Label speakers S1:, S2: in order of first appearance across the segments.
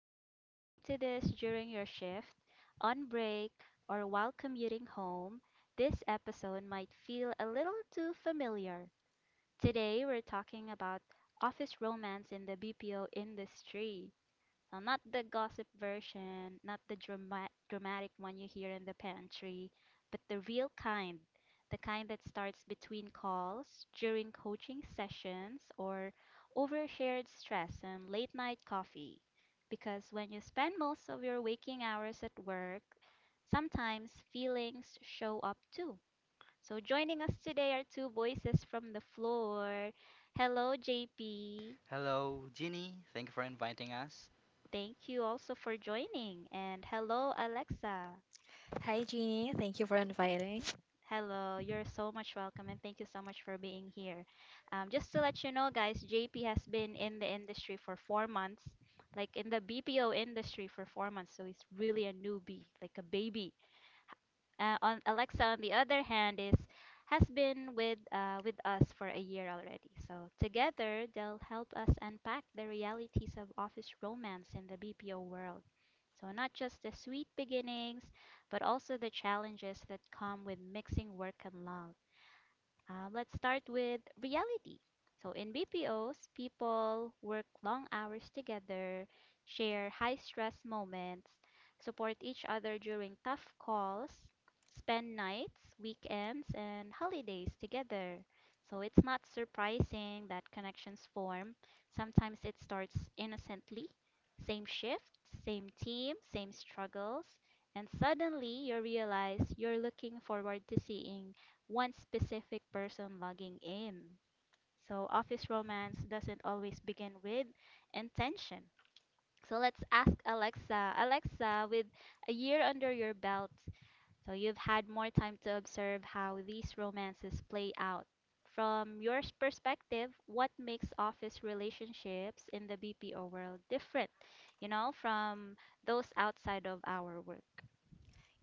S1: If you're listening to this during your shift, on break, or while commuting home, this episode might feel a little too familiar. Today, we're talking about office romance in the BPO industry. So not the gossip version, not the dramatic one you hear in the pantry, but the real kind, the kind that starts between calls, during coaching sessions, or over shared stress and late night coffee. Because when you spend most of your waking hours at work, sometimes feelings show up too. So joining us today are two voices from the floor. Hello, JP. Thank you also for joining. And hello, Alexa.
S2: Hi, Jeannie. Thank you for inviting.
S1: Hello, you're so much welcome and thank you so much for being here. Just to let you know, guys, JP has been in the industry for 4 months, like in the BPO industry for 4 months. So he's really a newbie, like a baby. On Alexa, on the other hand, is has been with us for a year already. So together, they'll help us unpack the realities of office romance in the BPO world. So not just the sweet beginnings, but also the challenges that come with mixing work and love. Let's start with reality. So, in BPOs, people work long hours together, share high stress moments, support each other during tough calls, spend nights, weekends, and holidays together. So, it's not surprising that connections form. Sometimes it starts innocently, same shift, same team, same struggles, and suddenly you realize you're looking forward to seeing one specific person logging in. So, office romance doesn't always begin with intention. So, let's ask Alexa. Alexa, with a year under your belt, so you've had more time to observe how these romances play out. From your perspective, what makes office relationships in the BPO world different, you know, from those outside of our work?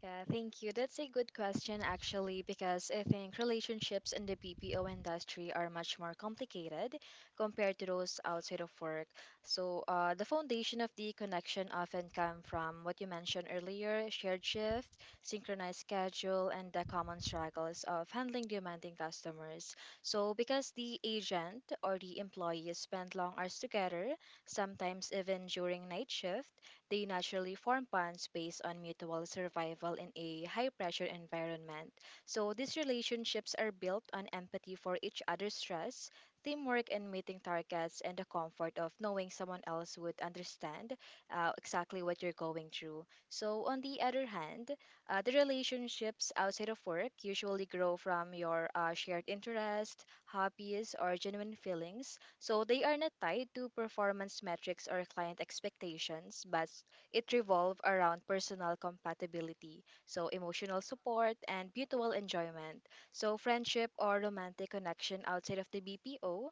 S2: Yeah, thank you. That's a good question, actually, because I think relationships in the BPO industry are much more complicated compared to those outside of work. So, the foundation of the connection often come from what you mentioned earlier, shared shift, synchronized schedule, and the common struggles of handling demanding customers. So, because the agent or the employee spend long hours together, sometimes even during night shift, they naturally form bonds based on mutual survival in a high pressure environment. So these relationships are built on empathy for each other's stress, teamwork in meeting targets, and the comfort of knowing someone else would understand exactly what you're going through. So, on the other hand, the relationships outside of work usually grow from your shared interest, hobbies, or genuine feelings, so they are not tied to performance metrics or client expectations, but it revolves around personal compatibility, so emotional support and mutual enjoyment. So friendship or romantic connection outside of the BPO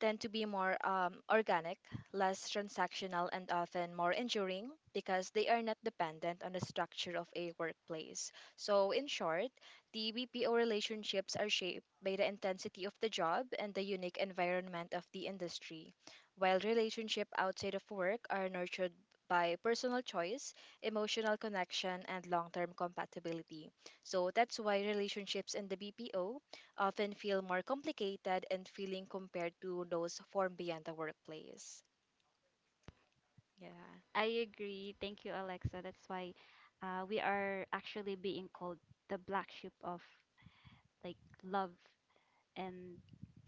S2: tend to be more organic, less transactional, and often more enduring because they are not dependent on the structure of a workplace. So, in short, the BPO relationships are shaped by the intensity of the job and the unique environment of the industry, while relationships outside of work are nurtured by personal choice, emotional connection, and long term compatibility. So that's why relationships in the BPO often feel more complicated and feeling compared to those formed beyond the workplace. Yeah.
S1: I agree. Thank you, Alexa. That's why we are actually being called the black sheep of, like, love and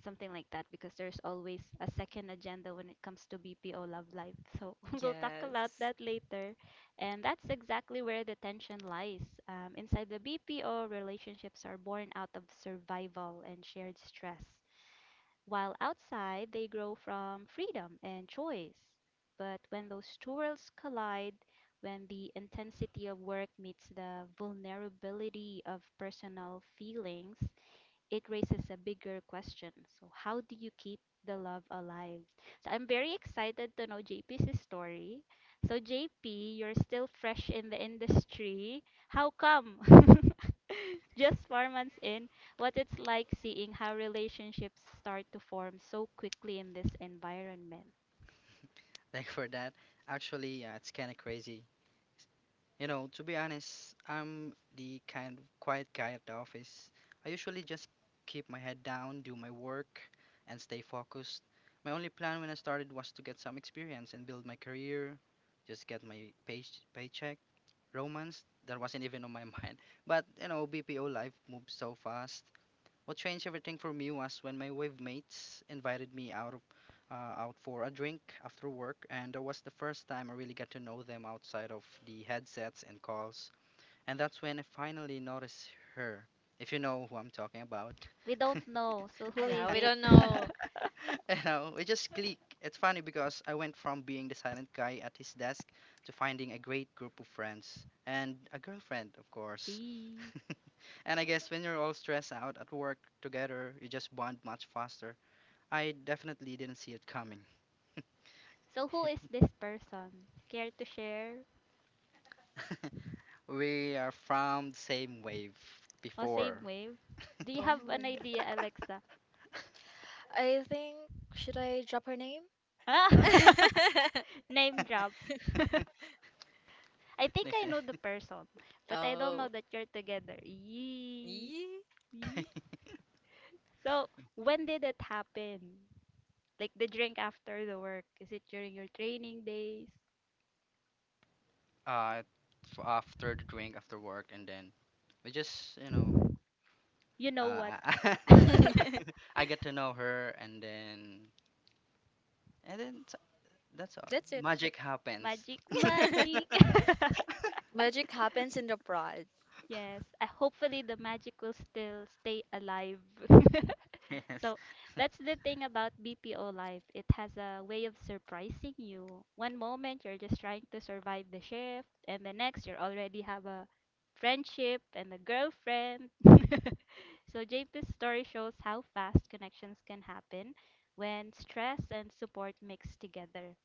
S1: something like that, because there's always a second agenda when it comes to BPO love life. So we'll talk about
S2: Yes.
S1: that later. And that's exactly where the tension lies. Inside the BPO, relationships are born out of survival and shared stress while outside they grow from freedom and choice. But when those two worlds collide, when the intensity of work meets the vulnerability of personal feelings, it raises a bigger question. So, how do you keep the love alive? So, I'm very excited to know JP's story. So, JP, you're still fresh in the industry. How come? Just 4 months in, what it's like seeing how relationships start to form so quickly in this environment. We don't know, so who is
S2: Yeah, we
S1: it?
S2: don't know.
S1: Eee. So, who is this person? Care to share? Or same wave? Do you have an
S2: Oh,
S1: idea, Alexa?
S2: I think should I drop her name?
S1: Ah, name drop. I think I know the person, but I don't
S2: Oh.
S1: know that you're together. Yee.
S2: Yee.
S1: Yee. So, when did it happen? Like the drink after the work? Is it during your training days? You know what?
S2: That's it.
S1: Magic, magic.
S2: Magic happens in the prod.
S1: Yes, I hopefully the magic will still stay alive. So that's the thing about BPO life. It has a way of surprising you. One moment you're just trying to survive the shift, and the next you already have a friendship and a girlfriend. So JP's story shows how fast connections can happen when stress and support mix together.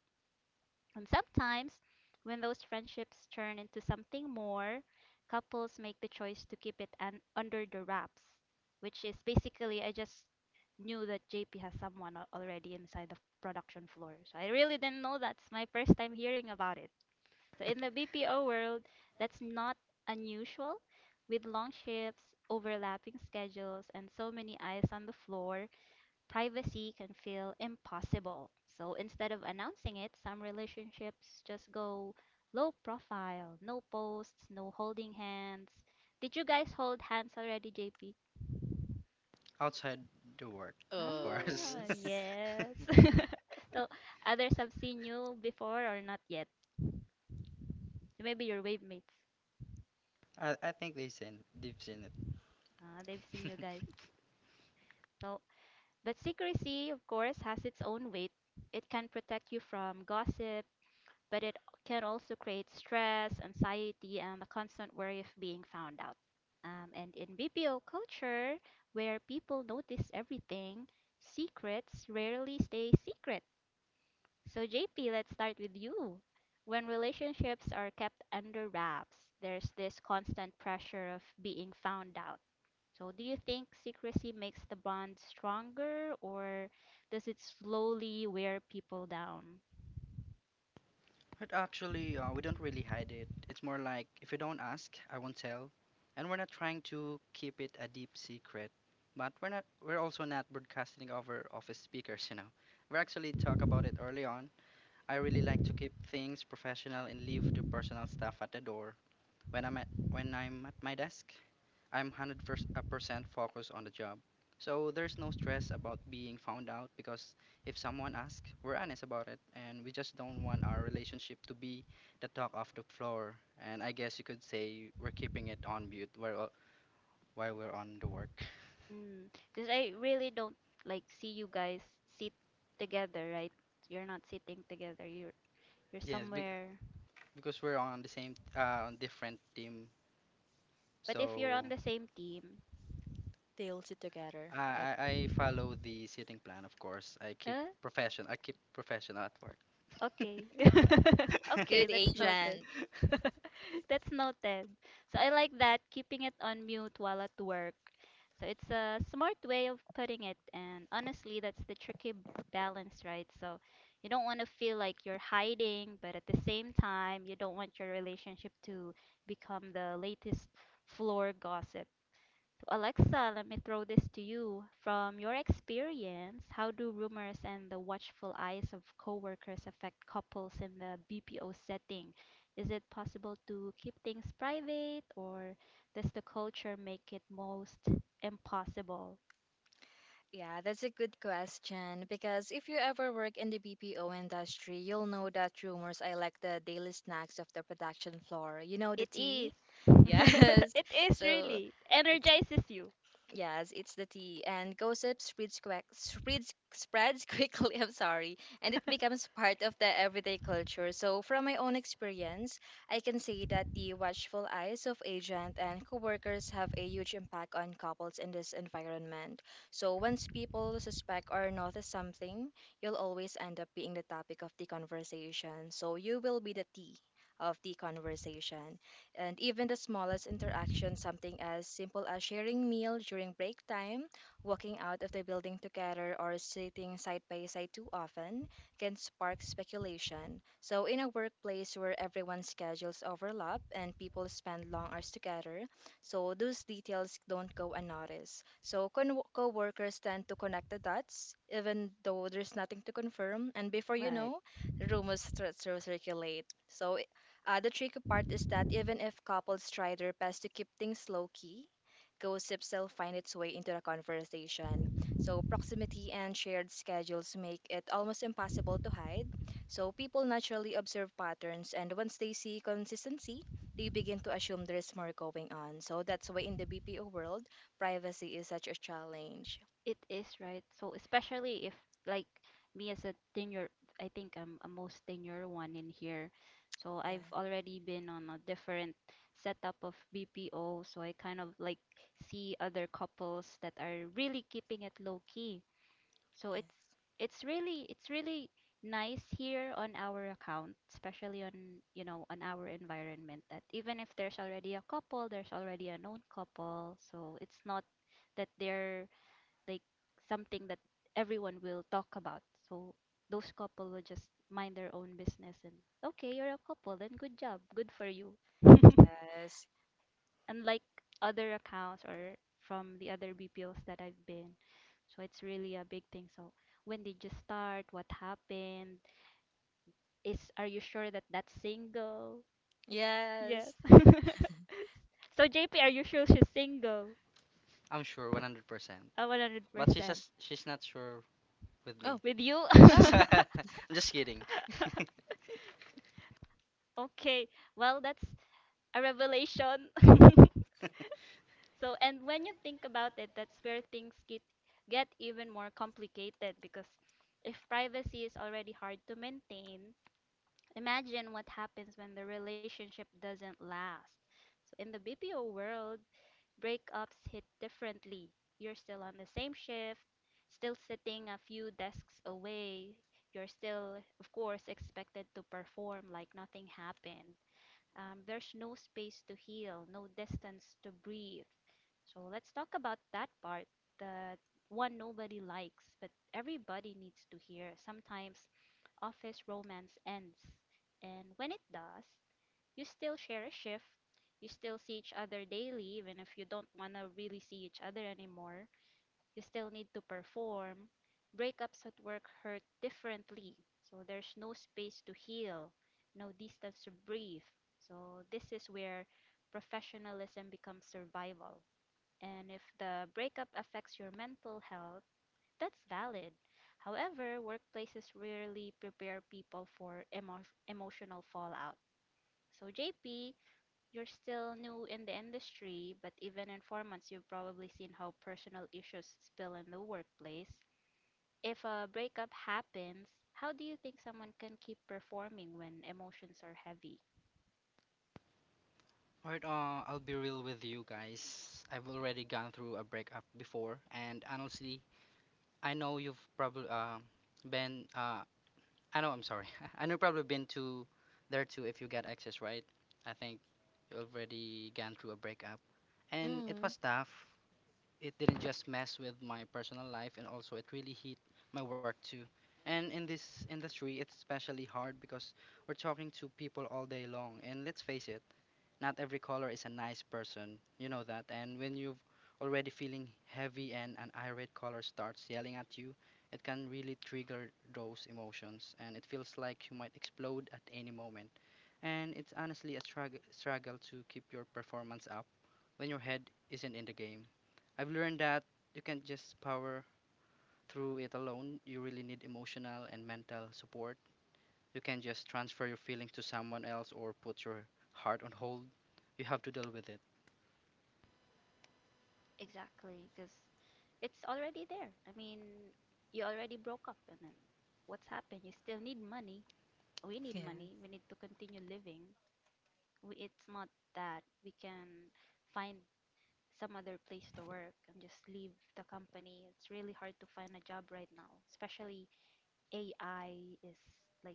S1: And sometimes, when those friendships turn into something more, couples make the choice to keep it under the wraps, which is basically I just knew that JP has someone already inside the production floor. So I really didn't know. That's my first time hearing about it. So in the BPO world, that's not unusual. With long shifts, overlapping schedules, and so many eyes on the floor, privacy can feel impossible. So instead of announcing it, some relationships just go low profile, no posts, no holding hands. Did you guys hold hands already, JP?
S2: Oh.
S1: Ah,
S2: s-
S1: yes. So others have seen you before or not yet. So maybe your wave mates, they've seen you guys. So, but secrecy, of course, has its own weight. It can protect you from gossip, but it can also create stress, anxiety, and the constant worry of being found out. And in BPO culture, where people notice everything, secrets rarely stay secret. So, JP, let's start with you. When relationships are kept under wraps, there's this constant pressure of being found out. So, do you think secrecy makes the bond stronger, or does it slowly wear people down? Mm, 'cause I really don't, like, see you guys sit together, right? You're not sitting together. You're somewhere. But if you're on the same team,
S2: They all sit together. I
S1: uh, okay. Okay,
S2: Good
S1: that's noted.
S2: agent.
S1: That's noted. So I like that, keeping it on mute while at work. So it's a smart way of putting it, and honestly, that's the tricky balance, right? So you don't want to feel like you're hiding, but at the same time, you don't want your relationship to become the latest floor gossip. Alexa, let me throw this to you. From your experience, how do rumors and the watchful eyes of coworkers affect couples in the BPO setting? Is it possible to keep things private, or does the culture make it most impossible?
S2: Yeah, that's a good question because if you ever work in the BPO industry, you'll know that rumors are like the daily snacks of the production floor. You know the
S1: It
S2: tea?
S1: is.
S2: Yes.
S1: It is
S2: So
S1: really.
S2: it
S1: Energizes you.
S2: Yes, it's the tea, and gossip spreads quick, spreads quickly. I'm sorry, and it becomes part of the everyday culture. So, from my own experience, I can say that the watchful eyes of agent and coworkers have a huge impact on couples in this environment. So, once people suspect or notice something, you'll always end up being the topic of the conversation. So, you will be the tea of the conversation, and even the smallest interaction, something as simple as sharing meal during break time, walking out of the building together, or sitting side by side too often, can spark speculation. So, in a workplace where everyone's schedules overlap and people spend long hours together, so those details don't go unnoticed. So co-workers tend to connect the dots, even though there's nothing to confirm. And before you
S1: Right.
S2: know, rumors start to circulate. So the tricky part is that even if couples try their best to keep things low key, gossip still find its way into the conversation. So proximity and shared schedules make it almost impossible to hide. So people naturally observe patterns, and once they see consistency, they begin to assume there's more going on. So that's why in the BPO world, privacy is such a challenge.
S1: It is, right? So especially if, like, me as a tenure, I think I'm a most tenure one in here. So I've
S2: Yeah.
S1: already been on a different setup of BPO, so I kind of like see other couples that are really keeping it low key. So it's
S2: Yes.
S1: it's really it's really nice here on our account, especially on, you know, on our environment, that even if there's already a couple, there's already a known couple, so it's not that they're, like, something that everyone will talk about. So those couple will just mind their own business and okay, you're a couple, then good job, good for you.
S2: Yes.
S1: Unlike other accounts or from the other BPOs that I've been. So it's really a big thing. So when did you start? What happened? Is are you sure that that's single? Yes.
S2: Yes.
S1: So JP, are you sure she's single? 100%.
S2: Oh.
S1: With you?
S2: Oh.
S1: Okay, well, that's a revelation. So, and when you think about it, that's where things get even more complicated because if privacy is already hard to maintain, imagine what happens when the relationship doesn't last. So, in the BPO world, breakups hit differently. You're still on the same shift, still sitting a few desks away. You're still, of course, expected to perform like nothing happened. There's no space to heal, no distance to breathe. So let's talk about that part, the one nobody likes, but everybody needs to hear. Sometimes office romance ends, and when it does, you still share a shift, you still see each other daily, even if you don't want to really see each other anymore. You still need to perform. Breakups at work hurt differently. So there's no space to heal, no distance to breathe. So this is where professionalism becomes survival. And if the breakup affects your mental health, that's valid. However, workplaces rarely prepare people for emotional fallout. So, JP, you're still new in the industry, but even in 4 months, you've probably seen how personal issues spill in the workplace. If a breakup happens, how do you think someone can keep performing when emotions are heavy?
S2: Mm.
S1: Exactly, because it's already there. I mean, you already broke up, and then what's happened? You still need money. We need
S2: Yes.
S1: money. We need to continue living. We, it's not that we can find some other place to work and just leave the company. It's really hard to find a job right now, especially AI is, like,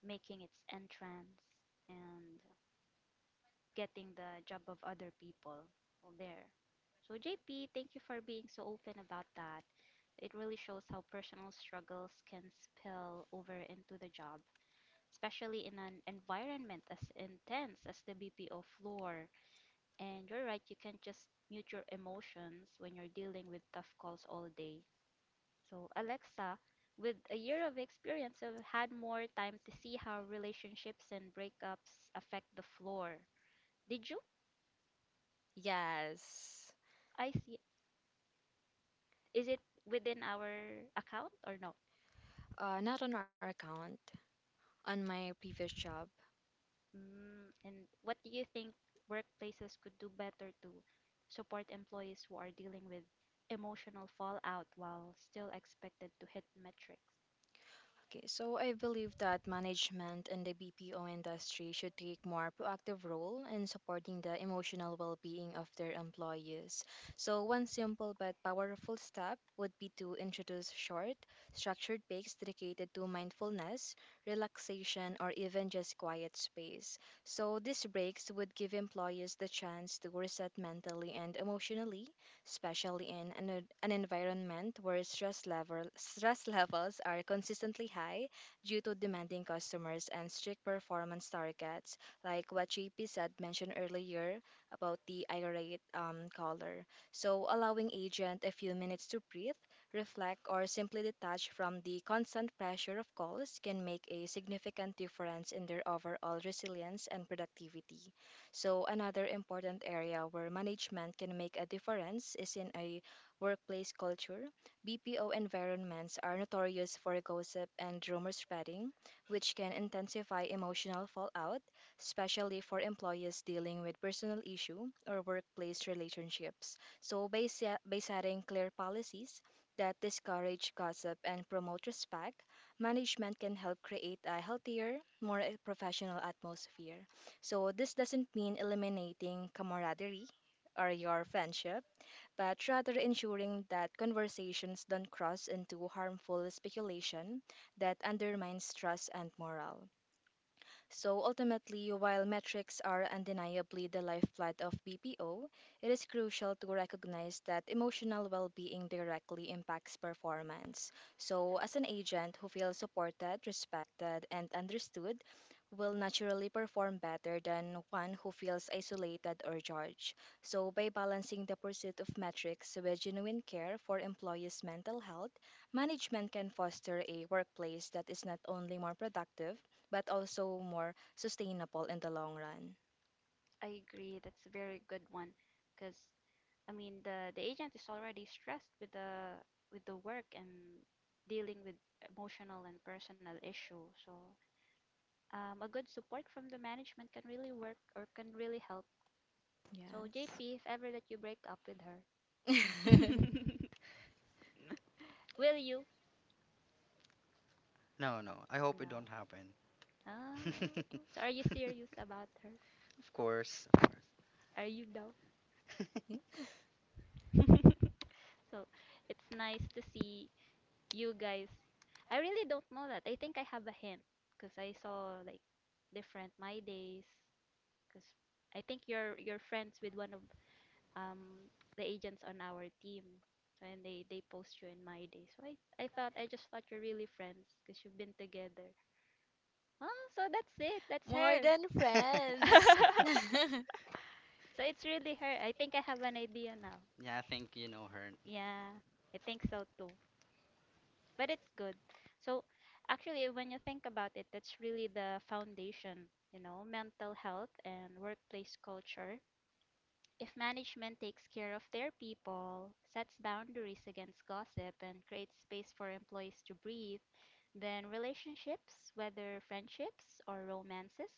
S1: making its entrance and getting the job of other people there. So, JP, thank you for being so open about that. It really shows how personal struggles can spill over into the job, especially in an environment as intense as the BPO floor. And you're right, you can't just mute your emotions when you're dealing with tough calls all day. So, Alexa, with a year of experience, I've had more time to see how relationships and breakups affect the floor. Did you?
S2: Yes.
S1: I see. Is it within our account or no?
S2: Not on our account, on my previous job.
S1: Mm, and what do you think workplaces could do better to support employees who are dealing with emotional fallout while still expected to hit metrics?
S2: Okay, so I believe that management in the BPO industry should take more proactive role in supporting the emotional well-being of their employees. So one simple but powerful step would be to introduce short, structured breaks dedicated to mindfulness, relaxation, or even just quiet space. So these breaks would give employees the chance to reset mentally and emotionally, especially in an environment where stress levels are consistently high due to demanding customers and strict performance targets, like what JP said mentioned earlier about the irate caller. So allowing agent a few minutes to breathe, reflect, or simply detach from the constant pressure of calls can make a significant difference in their overall resilience and productivity. So, another important area where management can make a difference is in a workplace culture. BPO environments are notorious for gossip and rumor spreading, which can intensify emotional fallout, especially for employees dealing with personal issue or workplace relationships. So, by setting clear policies that discourage gossip and promote respect, management can help create a healthier, more professional atmosphere. So, this doesn't mean eliminating camaraderie or your friendship, but rather ensuring that conversations don't cross into harmful speculation that undermines trust and morale. So ultimately, while metrics are undeniably the lifeblood of BPO, it is crucial to recognize that emotional well being directly impacts performance. So, as an agent who feels supported, respected, and understood, will naturally perform better than one who feels isolated or judged. So, by balancing the pursuit of metrics with genuine care for employees' mental health, management can foster a workplace that is not only more productive but also more sustainable in the long run.
S1: I agree. That's a very good one, because I mean the agent is already stressed with the work and dealing with emotional and personal issue. So a good support from the management can really work or can really help. So
S2: Yes.
S1: JP, if ever that you break up with her, will you? No. Oh,
S2: Okay.
S1: so are you serious about her? Are you though? So it's nice to see you guys. I really don't know that. I think I have a hint because I saw like different my days. Because I think you're friends with one of um the agents on our team, so, and they post you in my days. So I just thought you're really friends because you've been together. Oh, so that's it. That's
S2: More than friends.
S1: her. So it's really her. I think I have an idea now. Yeah, I think so too, but it's good. So actually, when you think about it, that's really the foundation, you know, mental health and workplace culture. If management takes care of their people, sets boundaries against gossip, and creates space for employees to breathe, then relationships, whether friendships or romances,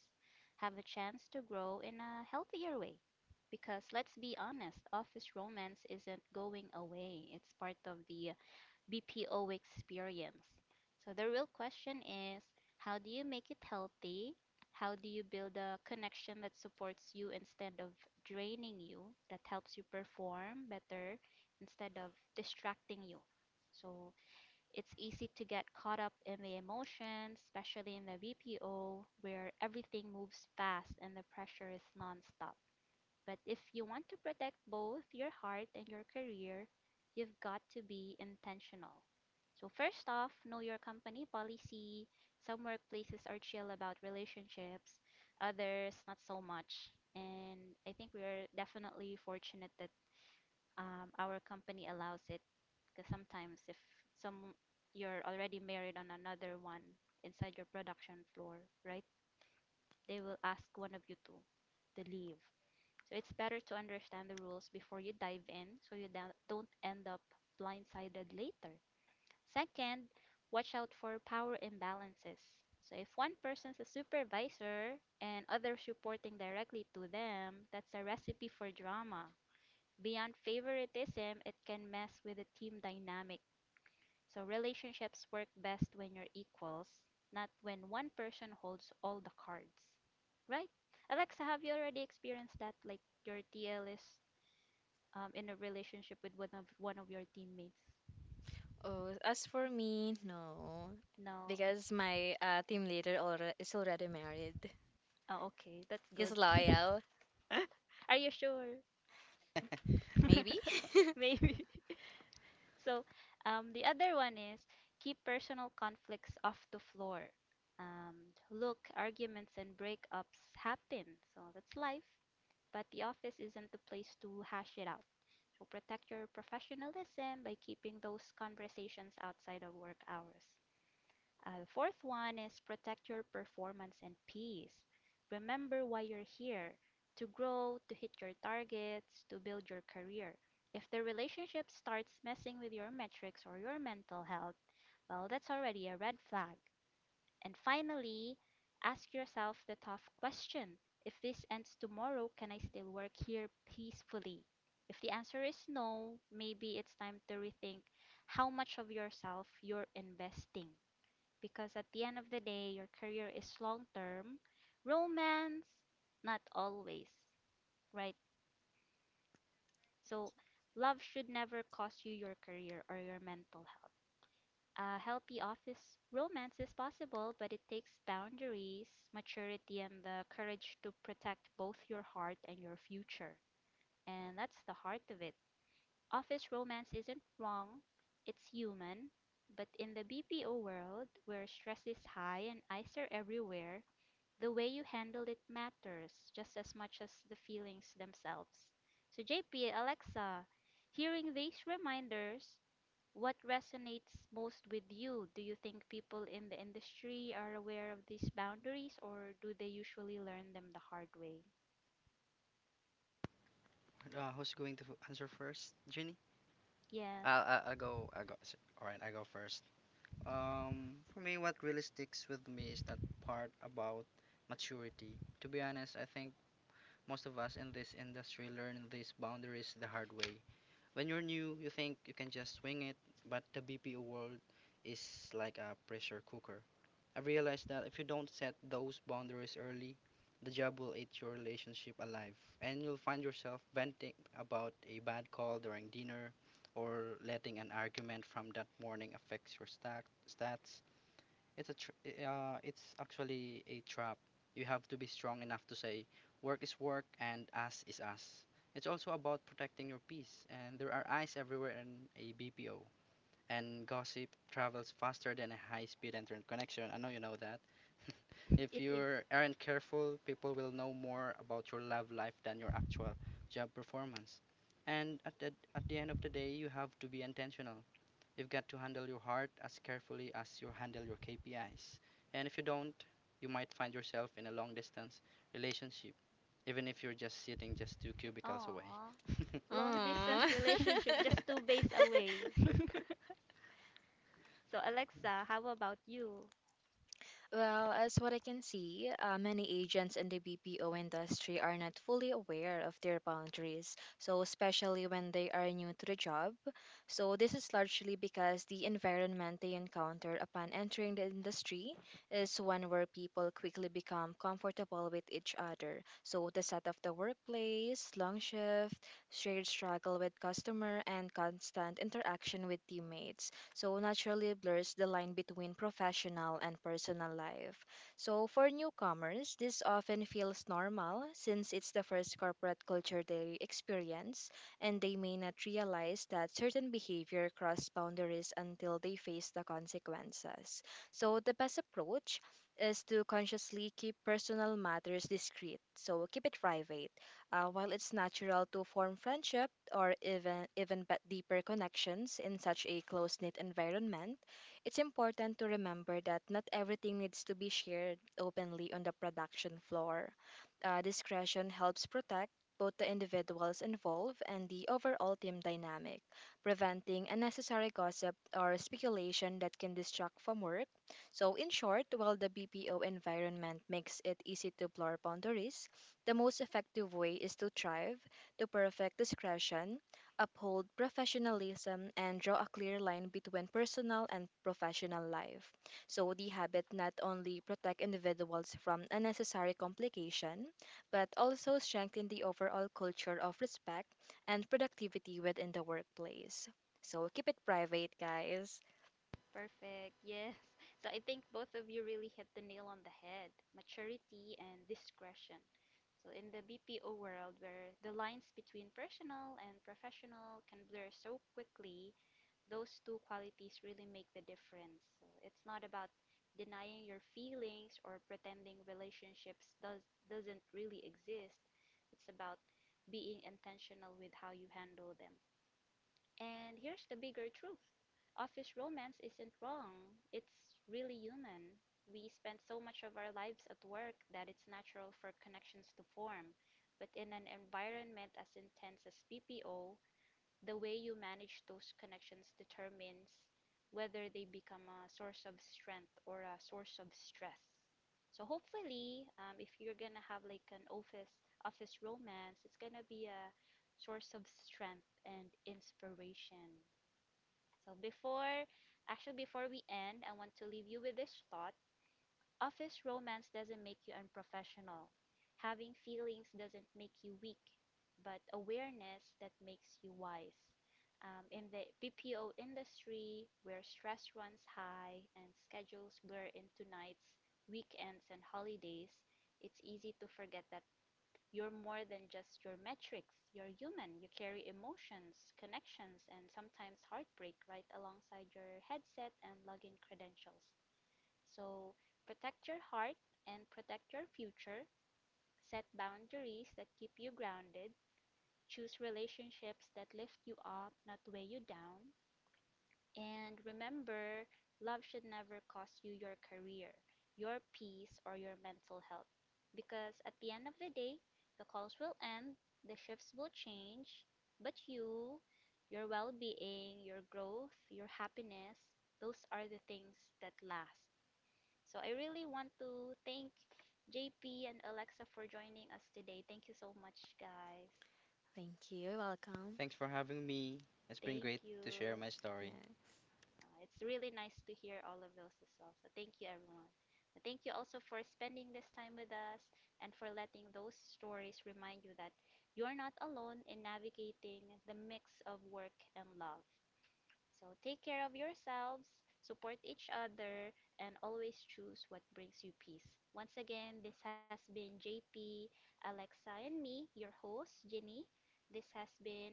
S1: have a chance to grow in a healthier way. Because let's be honest, office romance isn't going away. It's part of the BPO experience. So the real question is, how do you make it healthy? How do you build a connection that supports you instead of draining you, that helps you perform better instead of distracting you? So it's easy to get caught up in the emotions, especially in the BPO, where everything moves fast and the pressure is nonstop. But if you want to protect both your heart and your career, you've got to be intentional. So, first off, know your company policy. Some workplaces are chill about relationships, others, not so much. And I think we are definitely fortunate that our company allows it. Because sometimes, if some you're already married on another one inside your production floor, right? They will ask one of you two to leave. So it's better to understand the rules before you dive in so you don't end up blindsided later. Second, watch out for power imbalances. So if one person's a supervisor and others reporting directly to them, that's a recipe for drama. Beyond favoritism, it can mess with the team dynamic. So relationships work best when you're equals, not when one person holds all the cards. Right? Alexa, have you already experienced that? Like your TL is in a relationship with one of your teammates?
S2: Oh, as for me, no.
S1: No.
S2: Because my team leader is already married.
S1: Oh, okay, that's
S2: He's
S1: good.
S2: loyal,
S1: Are you sure?
S2: maybe.
S1: Maybe. So, the other one is keep personal conflicts off the floor. Look, arguments and breakups happen, so that's life. But the office isn't the place to hash it out. So protect your professionalism by keeping those conversations outside of work hours. The fourth one is protect your performance and peace. Remember why you're here: to grow, to hit your targets, to build your career. If the relationship starts messing with your metrics or your mental health, well, that's already a red flag. And finally, ask yourself the tough question: if this ends tomorrow, can I still work here peacefully? If the answer is no, maybe it's time to rethink how much of yourself you're investing, because at the end of the day, your career is long term. Romance, not always, right? So, love should never cost you your career or your mental health. A healthy office romance is possible, but it takes boundaries, maturity, and the courage to protect both your heart and your future. And that's the heart of it. Office romance isn't wrong, it's human. But in the BPO world, where stress is high and eyes are everywhere, the way you handle it matters just as much as the feelings themselves. So, JP, Alexa, hearing these reminders, what resonates most with you? Do you think people in the industry are aware of these boundaries, or do they usually learn them the hard way? Yes, it is. Aww. Long distance
S2: Aww.
S1: relationship just two bays away. So, Alexa, how about you?
S2: Well, as what I can see, many agents in the BPO industry are not fully aware of their boundaries, so especially when they are new to the job. So this is largely because the environment they encounter upon entering the industry is one where people quickly become comfortable with each other. So the set of the workplace, long shift, shared struggle with customer, and constant interaction with teammates so naturally blurs the line between professional and personal life. So for newcomers, this often feels normal since it's the first corporate culture they experience, and they may not realize that certain behavior cross boundaries until they face the consequences. So the best approach is to consciously keep personal matters discreet. So keep it private. While it's natural to form friendship or even but deeper connections in such a close-knit environment, it's important to remember that not everything needs to be shared openly on the production floor. Discretion helps protect both the individuals involved and the overall team dynamic, preventing unnecessary gossip or speculation that can distract from work. So, in short, while the BPO environment makes it easy to blur boundaries, the most effective way is to thrive, to perfect discretion, uphold professionalism, and draw a clear line between personal and professional life. So the habit not only protect individuals from unnecessary complication, but also strengthen the overall culture of respect and productivity within the workplace. So keep it private, guys.
S1: Perfect. Yes. So I think both of you really hit the nail on the head: maturity and discretion. So in the BPO world, where the lines between personal and professional can blur so quickly, those two qualities really make the difference. So it's not about denying your feelings or pretending relationships doesn't really exist. It's about being intentional with how you handle them. And here's the bigger truth: office romance isn't wrong, it's really human. We spend so much of our lives at work that it's natural for connections to form, but in an environment as intense as PPO, the way you manage those connections determines whether they become a source of strength or a source of stress. So hopefully, if you're gonna have like an office romance, it's gonna be a source of strength and inspiration. So before, actually before we end, I want to leave you with this thought. Office romance doesn't make you unprofessional. Having feelings doesn't make you weak, but awareness that makes you wise. In the BPO industry, where stress runs high and schedules blur into nights, weekends, and holidays, it's easy to forget that you're more than just your metrics. You're human. You carry emotions, connections, and sometimes heartbreak right alongside your headset and login credentials. So protect your heart and protect your future. Set boundaries that keep you grounded. Choose relationships that lift you up, not weigh you down. And remember, love should never cost you your career, your peace, or your mental health. Because at the end of the day, the calls will end, the shifts will change, but you, your well being, your growth, your happiness, those are the things that last. So I really want to thank JP and Alexa for joining us today. Thank you so much, guys.
S2: Thank you. Welcome.
S1: Thank you.
S2: Yeah.
S1: It's really nice to hear all of those as well. So thank you, everyone. And thank you also for spending this time with us and for letting those stories remind you that you're not alone in navigating the mix of work and love. So take care of yourselves, support each other, and always choose what brings you peace. Once again, this has been JP, Alexa, and me, your host, Ginny. This has been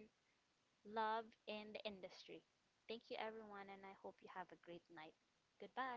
S1: Love in the Industry. Thank you, everyone, and I hope you have a great night. Goodbye.